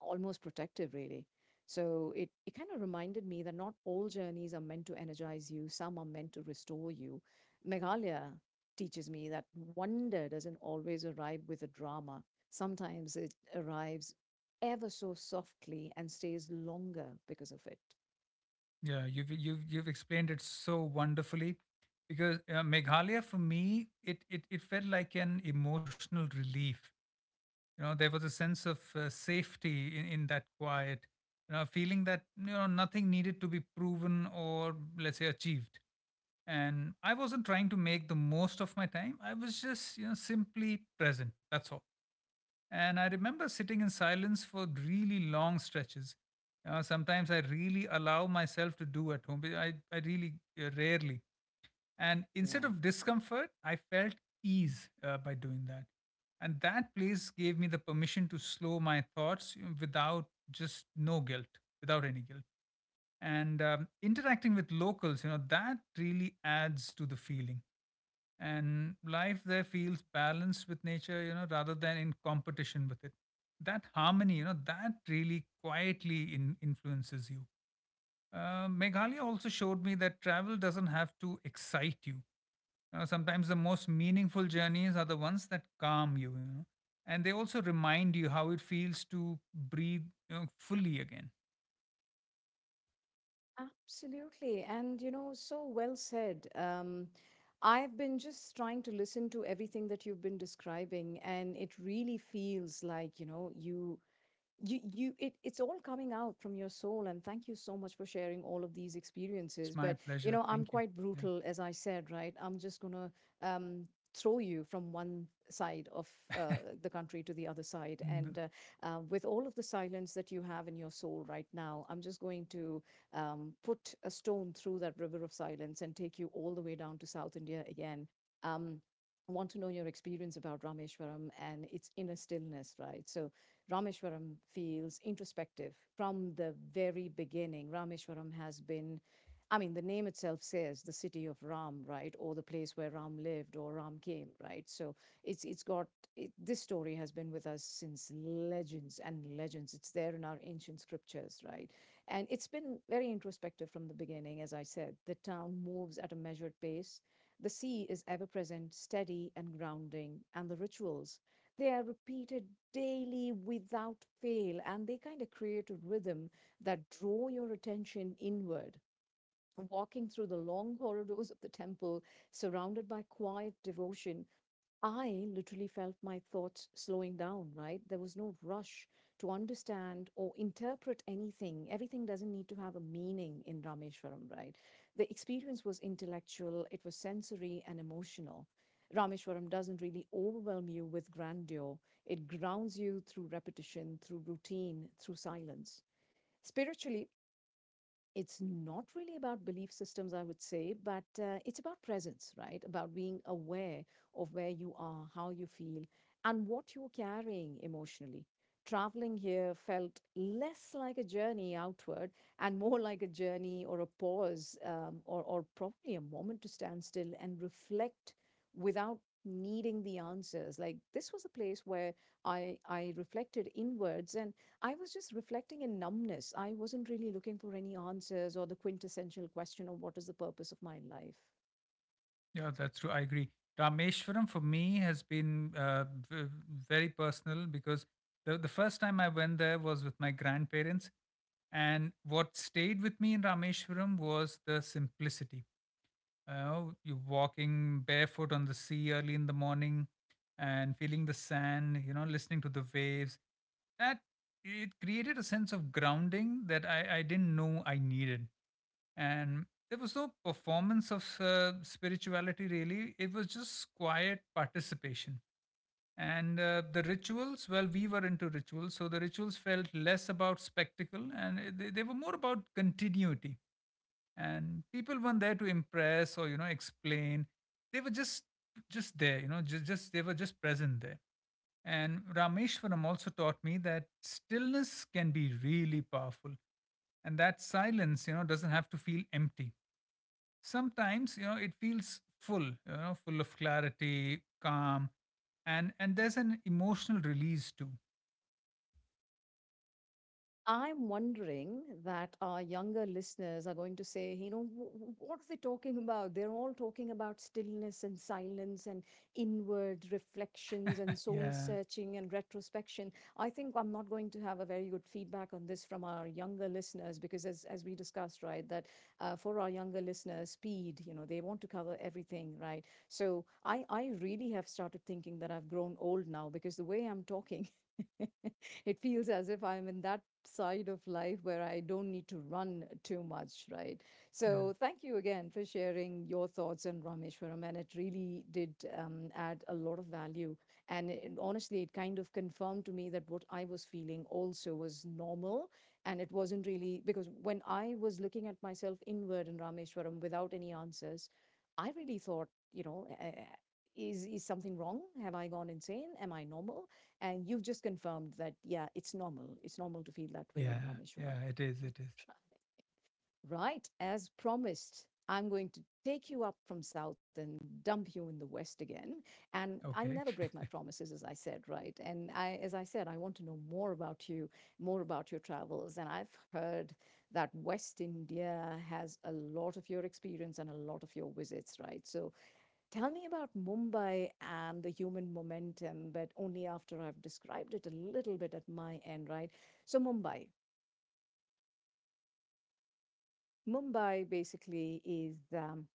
Speaker 1: almost protective, really. So it kind of reminded me that not all journeys are meant to energize you, some are meant to restore you. Meghalaya teaches me that wonder doesn't always arrive with a drama, sometimes it arrives ever so softly and stays longer because of it.
Speaker 2: Yeah, you've explained it so wonderfully because Meghalaya for me, it felt like an emotional relief. You know, there was a sense of safety in that quiet, you know, feeling that you know, nothing needed to be proven or let's say achieved. And I wasn't trying to make the most of my time. I was just, you know, simply present. That's all. And I remember sitting in silence for really long stretches. Sometimes I really allow myself to do at home, but I really rarely. And instead
Speaker 1: Right.
Speaker 2: of discomfort, I felt ease by doing that. And that place gave me the permission to slow my thoughts, you know, without just no guilt, without any guilt. And interacting with locals, you know, that really adds to the feeling, and life there feels balanced with nature, you know, rather than in competition with it. That harmony, you know, that really quietly influences you. Meghalaya also showed me that travel doesn't have to excite you. You know, sometimes the most meaningful journeys are the ones that calm you, you know, and they also remind you how it feels to breathe, you know, fully again.
Speaker 1: Absolutely. And, you know, so well said. I've been just trying to listen to everything that you've been describing, and it really feels like, you know, it's all coming out from your soul, and thank you so much for sharing all of these
Speaker 2: It's
Speaker 1: experiences.
Speaker 2: my
Speaker 1: But you
Speaker 2: pleasure.
Speaker 1: know, I'm
Speaker 2: Thank you.
Speaker 1: quite
Speaker 2: Yeah.
Speaker 1: brutal, as I said, right? I'm just going to um throw you from one side of the country to the other side,
Speaker 2: Mm.
Speaker 1: and with all of the silence that you have in your soul right now, I'm just going to put a stone through that river of silence and take you all the way down to South India again. um, I want to know your experience about Rameshwaram and its inner stillness, right? So Rameshwaram feels introspective from the very beginning. Rameshwaram has been, I mean, the name itself says the city of Ram, right, or the place where Ram lived or Ram came, right. So it's got this story has been with us since legends and legends. It's there in our ancient scriptures, right, and it's been very introspective from the beginning. As I said, the town moves at a measured pace. The sea is ever present, steady and grounding, and the rituals, they are repeated daily without fail and they kind of create a rhythm that draw your attention inward, walking through the long corridors of the temple, surrounded by quiet devotion. I literally felt my thoughts slowing down, right? There was no rush to understand or interpret anything. Everything doesn't need to have a meaning in Rameshwaram, right? The experience was intellectual, it was sensory and emotional. Rameshwaram doesn't really overwhelm you with grandeur, it grounds you through repetition, through routine, through silence. Spiritually, it's not really about belief systems, I would say, but it's about presence, right? About being aware of where you are, how you feel, and what you're carrying emotionally. Traveling here felt less like a journey outward and more like a journey or a pause or probably a moment to stand still and reflect without needing the answers. Like this was a place where I reflected inwards and I was just reflecting in numbness. I wasn't really looking for any answers or the quintessential question of what is the purpose of my life.
Speaker 2: Yeah, that's true. I agree. Rameshwaram for me has been v- very personal because the first time I went there was with my grandparents. And what stayed with me in Rameshwaram was the simplicity. You walking barefoot on the sea early in the morning and feeling the sand, you know, listening to the waves. That it created a sense of grounding that I didn't know I needed. And there was no performance of spirituality, really. It was just quiet participation. And the rituals, well, we were into rituals, so the rituals felt less about spectacle, and they were more about continuity. And people weren't there to impress or you know, explain. They were just there, you know, just they were just present there. And Rameshwaram also taught me that stillness can be really powerful, and that silence, you know, doesn't have to feel empty. Sometimes you know, it feels full, you know, full of clarity, calm. And there's an emotional release too.
Speaker 1: I'm wondering that our younger listeners are going to say, you know, What are they talking about? They're all talking about stillness and silence and inward reflections and
Speaker 2: <laughs>
Speaker 1: soul
Speaker 2: yeah
Speaker 1: searching and retrospection." I think I'm not going to have a very good feedback on this from our younger listeners because, as we discussed, right, that for our younger listeners, speed, you know, they want to cover everything, right? So I really have started thinking that I've grown old now because the way I'm talking, <laughs> it feels as if I'm in that side of life where I don't need to run too much, right?
Speaker 2: yeah
Speaker 1: So, thank you again for sharing your thoughts on Rameshwaram, and it really did add a lot of value. Honestly, it kind of confirmed to me that what I was feeling also was normal, and it wasn't really, because when I was looking at myself inward in Rameshwaram without any answers, I really thought, you know, is something wrong? Have I gone insane? Am I normal? And you've just confirmed that, yeah, it's normal. It's normal to feel that way in
Speaker 2: yeah.
Speaker 1: Rameshwaram.
Speaker 2: yeah it is. It is.
Speaker 1: Right. As promised, I'm going to take you up from south and dump you in the west again. And I
Speaker 2: Okay.
Speaker 1: never break my promises, as I said, right? And I, as I said, I want to know more about you, more about your travels. And I've heard that West India has a lot of your experience and a lot of your visits, right? So tell me about Mumbai and the human momentum, but only after I've described it a little bit at my end, right? So, Mumbai. Mumbai basically is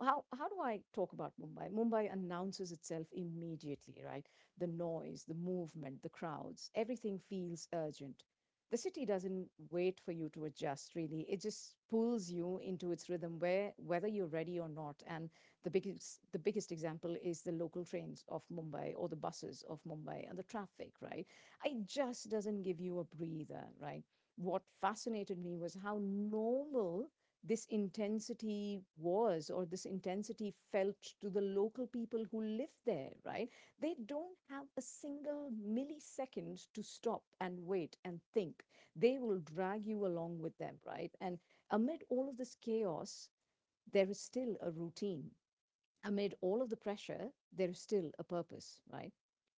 Speaker 1: how do I talk about Mumbai? Mumbai announces itself immediately, right? The noise, the movement, the crowds, everything feels urgent. The city doesn't wait for you to adjust, really. It just pulls you into its rhythm, where whether you're ready or not. And the biggest example is the local trains of Mumbai or the buses of Mumbai and the traffic, right? It just doesn't give you a breather, right? What fascinated me was how normal this intensity was or this intensity felt to the local people who live there, right? They don't have a single millisecond to stop and wait and think. They will drag you along with them, right? And amid all of this chaos, there is still a routine, amid all of the pressure, there is still a purpose, right?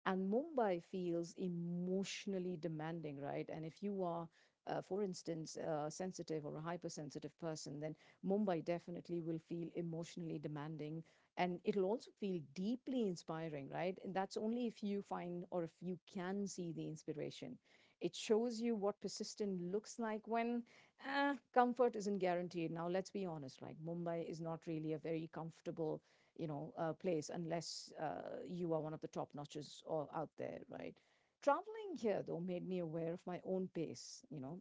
Speaker 1: And Mumbai feels emotionally demanding, right? And if you are, for instance, a sensitive or a hypersensitive person, then Mumbai definitely will feel emotionally demanding. And it'll also feel deeply inspiring, right? And that's only if you find or if you can see the inspiration. It shows you what persistent looks like when comfort isn't guaranteed. Now, let's be honest, like Mumbai is not really a very comfortable, you know, place unless you are one of the top notches or out there, right? Traveling here though made me aware of my own pace. You know,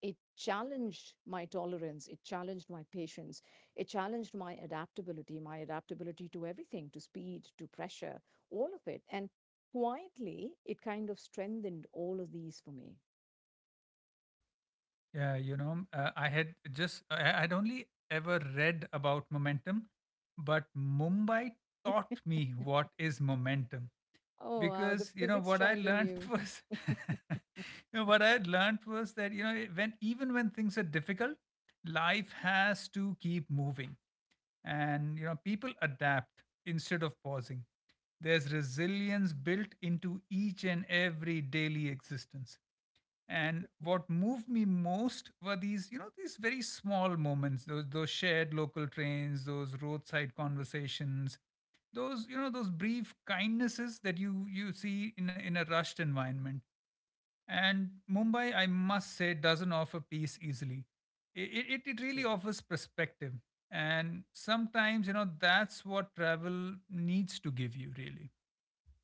Speaker 1: it challenged my tolerance, it challenged my patience, it challenged my adaptability to everything, to speed, to pressure, all of it, and quietly it kind of strengthened all of these for me.
Speaker 2: Yeah, you know, I had only ever read about momentum, but Mumbai
Speaker 1: <laughs>
Speaker 2: taught me what is momentum
Speaker 1: Oh, wow, the
Speaker 2: because you know
Speaker 1: physics
Speaker 2: what I
Speaker 1: child in
Speaker 2: learned
Speaker 1: you.
Speaker 2: was <laughs> you
Speaker 1: <laughs>
Speaker 2: know what I had learned was that you know, when even when things are difficult, life has to keep moving, and you know, people adapt instead of pausing. There's resilience built into each and every daily existence. And what moved me most were these, you know, these very small moments, those shared local trains, those roadside conversations, those, you know, those brief kindnesses that you see in a rushed environment. And Mumbai, I must say, doesn't offer peace easily. It
Speaker 1: It's
Speaker 2: really
Speaker 1: true.
Speaker 2: offers perspective. And sometimes, you know, that's what travel needs to give you, really.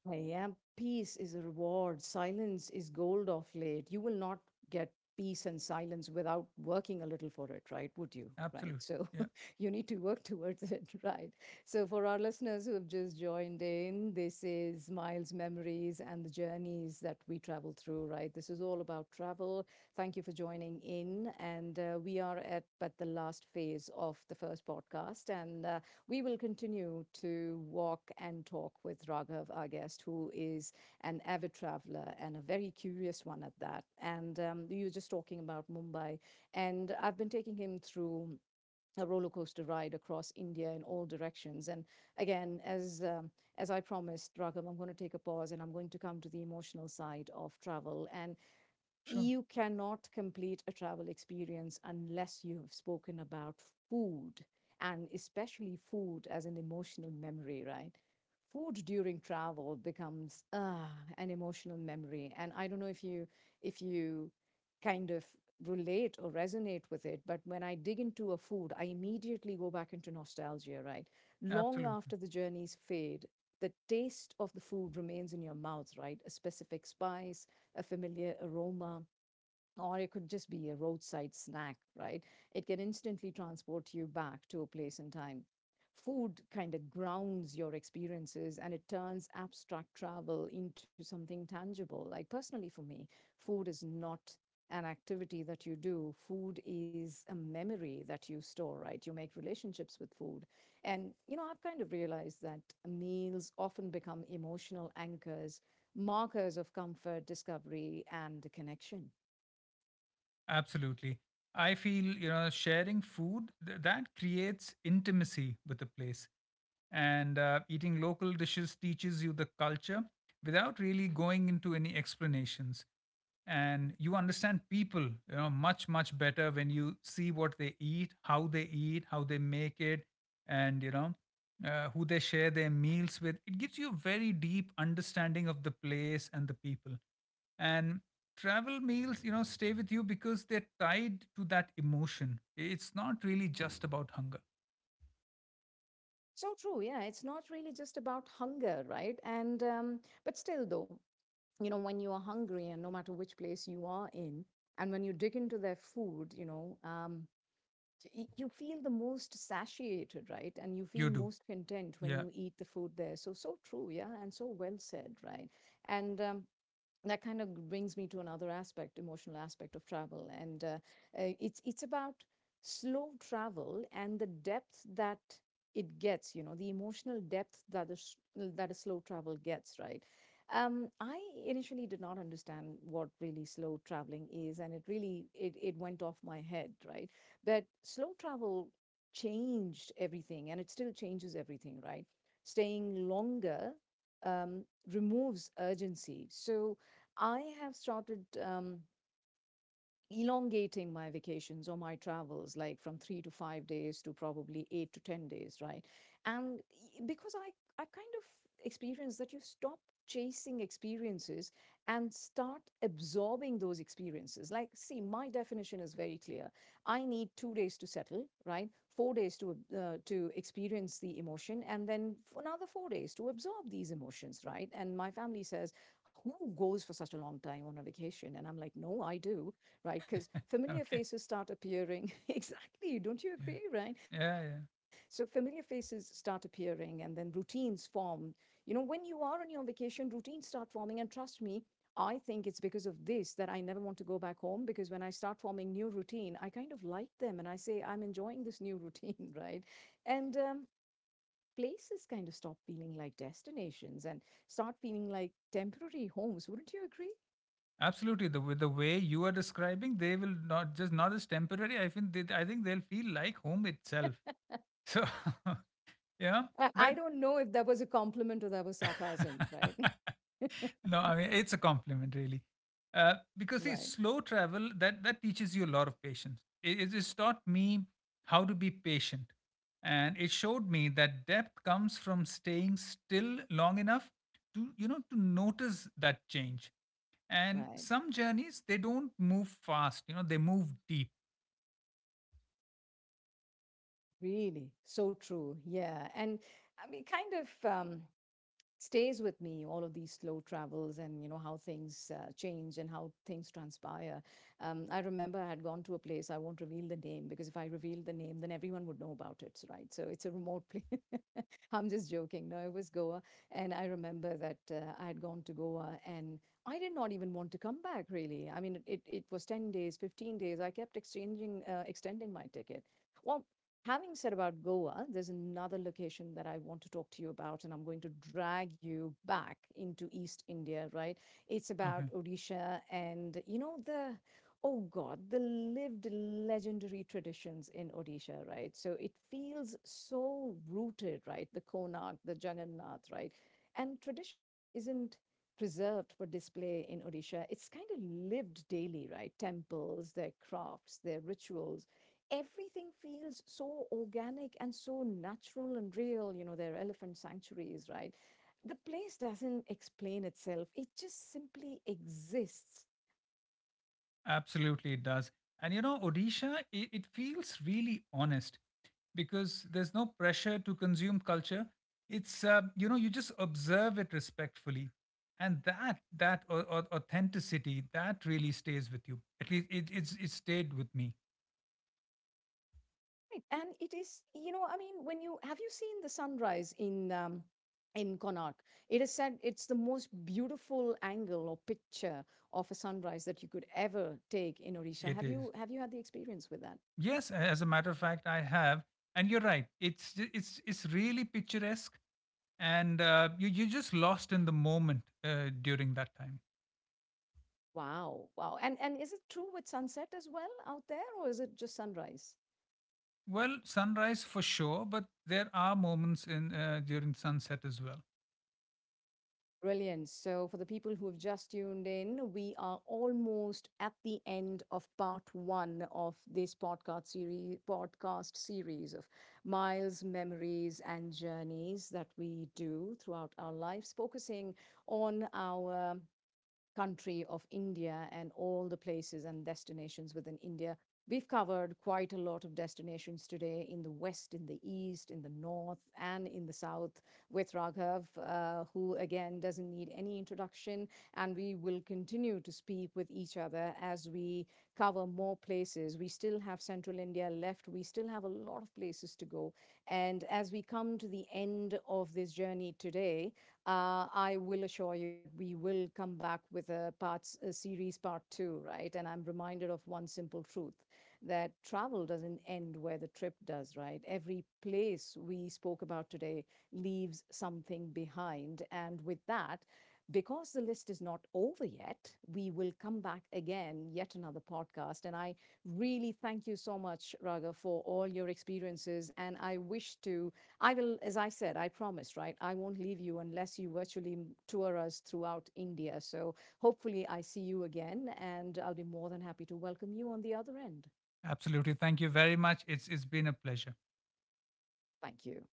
Speaker 1: I am. Peace is a reward. Silence is gold of late. You will not get peace and silence without working a little for it, right? Would you? Right.
Speaker 2: Absolutely.
Speaker 1: So
Speaker 2: Yeah,
Speaker 1: <laughs> you need to work towards it, <laughs> right? So for our listeners who have just joined in, this is Miles Memories and the journeys that we travel through, right? This is all about travel. Thank you for joining in. And we are at the last phase of the first podcast. And we will continue to walk and talk with Raghav, our guest, who is an avid traveler and a very curious one at that. And you were just talking about Mumbai, and I've been taking him through a roller coaster ride across India in all directions. And again, as I promised, Raghav, I'm going to take a pause and I'm going to come to the emotional side of travel. And
Speaker 2: sure.
Speaker 1: you cannot complete a travel experience unless you've spoken about food, and especially food as an emotional memory, right? Food during travel becomes ah an emotional memory. And I don't know if you kind of relate or resonate with it, but when I dig into a food, I immediately go back into nostalgia, right? Long
Speaker 2: Absolutely.
Speaker 1: after the journeys fade, the taste of the food remains in your mouth, right? A specific spice, a familiar aroma, or it could just be a roadside snack, right? It can instantly transport you back to a place and time. Food kind of grounds your experiences and it turns abstract travel into something tangible. Like, personally, for me, food is not an activity that you do, food is a memory that you store, right? You make relationships with food. And, you know, I've kind of realized that meals often become emotional anchors, markers of comfort, discovery, and connection.
Speaker 2: Absolutely. I feel, you know, sharing food that creates intimacy with a place. And eating local dishes teaches you the culture without really going into any explanations. And you understand people, you know, much, much better when you see what they eat, how they eat, how they make it, and, you know, who they share their meals with. It gives you a very deep understanding of the place and the people, and travel meals, you know, stay with you because they're tied to that emotion. It's not really just about hunger.
Speaker 1: So true. Yeah, it's not really just about hunger, right? And but still, though, you know, when you are hungry, and no matter which place you are in, and when you dig into their food, you know, you feel the most satiated, right? And you feel
Speaker 2: You do.
Speaker 1: most content when
Speaker 2: Yeah.
Speaker 1: you eat the food there. So so true. Yeah, and so well said, right? And that kind of brings me to another aspect, emotional aspect of travel, and it's about slow travel and the depth that it gets. You know, the emotional depth that that a slow travel gets. Right. I initially did not understand what really slow traveling is, and it really it went off my head. Right. But slow travel changed everything, and it still changes everything. Right. Staying longer um, removes urgency. So I have started elongating my vacations or my travels like from 3 to 5 days to probably 8 to 10 days, right? And because I kind of experience that you stop chasing experiences and start absorbing those experiences. Like, see, my definition is very clear. I need 2 days to settle, right? 4 days to experience the emotion, and then another 4 days to absorb these emotions, right? And my family says, who goes for such a long time on a vacation? And I'm like, no, I do, right? Because familiar
Speaker 2: Okay.
Speaker 1: faces start appearing. <laughs> Exactly, don't you
Speaker 2: Yeah.
Speaker 1: agree, right?
Speaker 2: Yeah.
Speaker 1: So
Speaker 2: Yeah,
Speaker 1: familiar faces start appearing and then routines form. You know, when you are on your vacation, routines start forming. And trust me, I think it's because of this that I never want to go back home, because when I start forming new routine, I kind of like them and I say, I'm enjoying this new routine, <laughs> right? And, places kind of stop feeling like destinations and start feeling like temporary homes. Wouldn't you agree?
Speaker 2: absolutely. The with the way you are describing, they will not just not as temporary. I think they'll feel like home itself. So <laughs> yeah.
Speaker 1: I
Speaker 2: But
Speaker 1: don't know if that was a compliment or that was sarcasm, right? <laughs>
Speaker 2: <laughs> No, I mean, it's a compliment, really, because see,
Speaker 1: Right,
Speaker 2: slow travel, that teaches you a lot of patience. It just taught me how to be patient, and it showed me that depth comes from staying still long enough to you know, to notice that change. And
Speaker 1: right.
Speaker 2: some journeys, they don't move fast, you know, they move deep.
Speaker 1: Really, so true. Yeah. And I mean, kind of stays with me, all of these slow travels and, you know, how things change and how things transpire. I remember I had gone to a place, I won't reveal the name, because if I reveal the name, then everyone would know about it, right? So it's a remote <laughs> place. <laughs> I'm just joking. No, it was Goa. And I remember that I had gone to Goa and I did not even want to come back, really. I mean, it was 10 days, 15 days. I kept exchanging, extending my ticket. Well, having said about Goa, there's another location that I want to talk to you about, and I'm going to drag you back into East India, right? It's about
Speaker 2: Okay.
Speaker 1: Odisha and, you know, the oh god, the lived legendary traditions in Odisha, right? So it feels so rooted, right? The Konark, the Jagannath, right? And tradition isn't preserved for display in Odisha, it's kind of lived daily, right? Temples, their crafts, their rituals, everything feels so organic and so natural and real. You know, their elephant sanctuaries, right? The place doesn't explain itself, it just simply exists.
Speaker 2: Absolutely, it does. And you know, Odisha, it feels really honest because there's no pressure to consume culture. It's you know, you just observe it respectfully, and that authenticity that really stays with you. At least it stayed with me.
Speaker 1: Right. And it is, you know, I mean, when you, have you seen the sunrise in Connaught? It is said it's the most beautiful angle or picture of a sunrise that you could ever take in Orisha.
Speaker 2: It is.
Speaker 1: Have you had the experience with that?
Speaker 2: Yes, as a matter of fact, I have. And you're right. It's really picturesque, and you you're just lost in the moment during that time.
Speaker 1: Wow, wow. And is it true with sunset as well out there, or is it just sunrise?
Speaker 2: Well, sunrise for sure, but there are moments in during sunset as well.
Speaker 1: Brilliant. So, for the people who have just tuned in, we are almost at the end of part one of this podcast series of miles, memories, and journeys that we do throughout our lives, focusing on our country of India and all the places and destinations within India. We've covered quite a lot of destinations today in the west, in the east, in the north, and in the south with Raghav, who again doesn't need any introduction. And we will continue to speak with each other as we cover more places. We still have central India left, we still have a lot of places to go. And as we come to the end of this journey today, I will assure you that we will come back with a parts a series part two, right? And I'm reminded of one simple truth, that travel doesn't end where the trip does, right? Every place we spoke about today leaves something behind. And with that, because the list is not over yet, we will come back again, yet another podcast. And I really thank you so much, Raga, for all your experiences. And I wish to, I will, as I said, I promised, right? I won't leave you unless you virtually tour us throughout India. So hopefully I see you again and I'll be more than happy to welcome you on the other end.
Speaker 2: Absolutely. Thank you very much. It's been a pleasure.
Speaker 1: Thank you.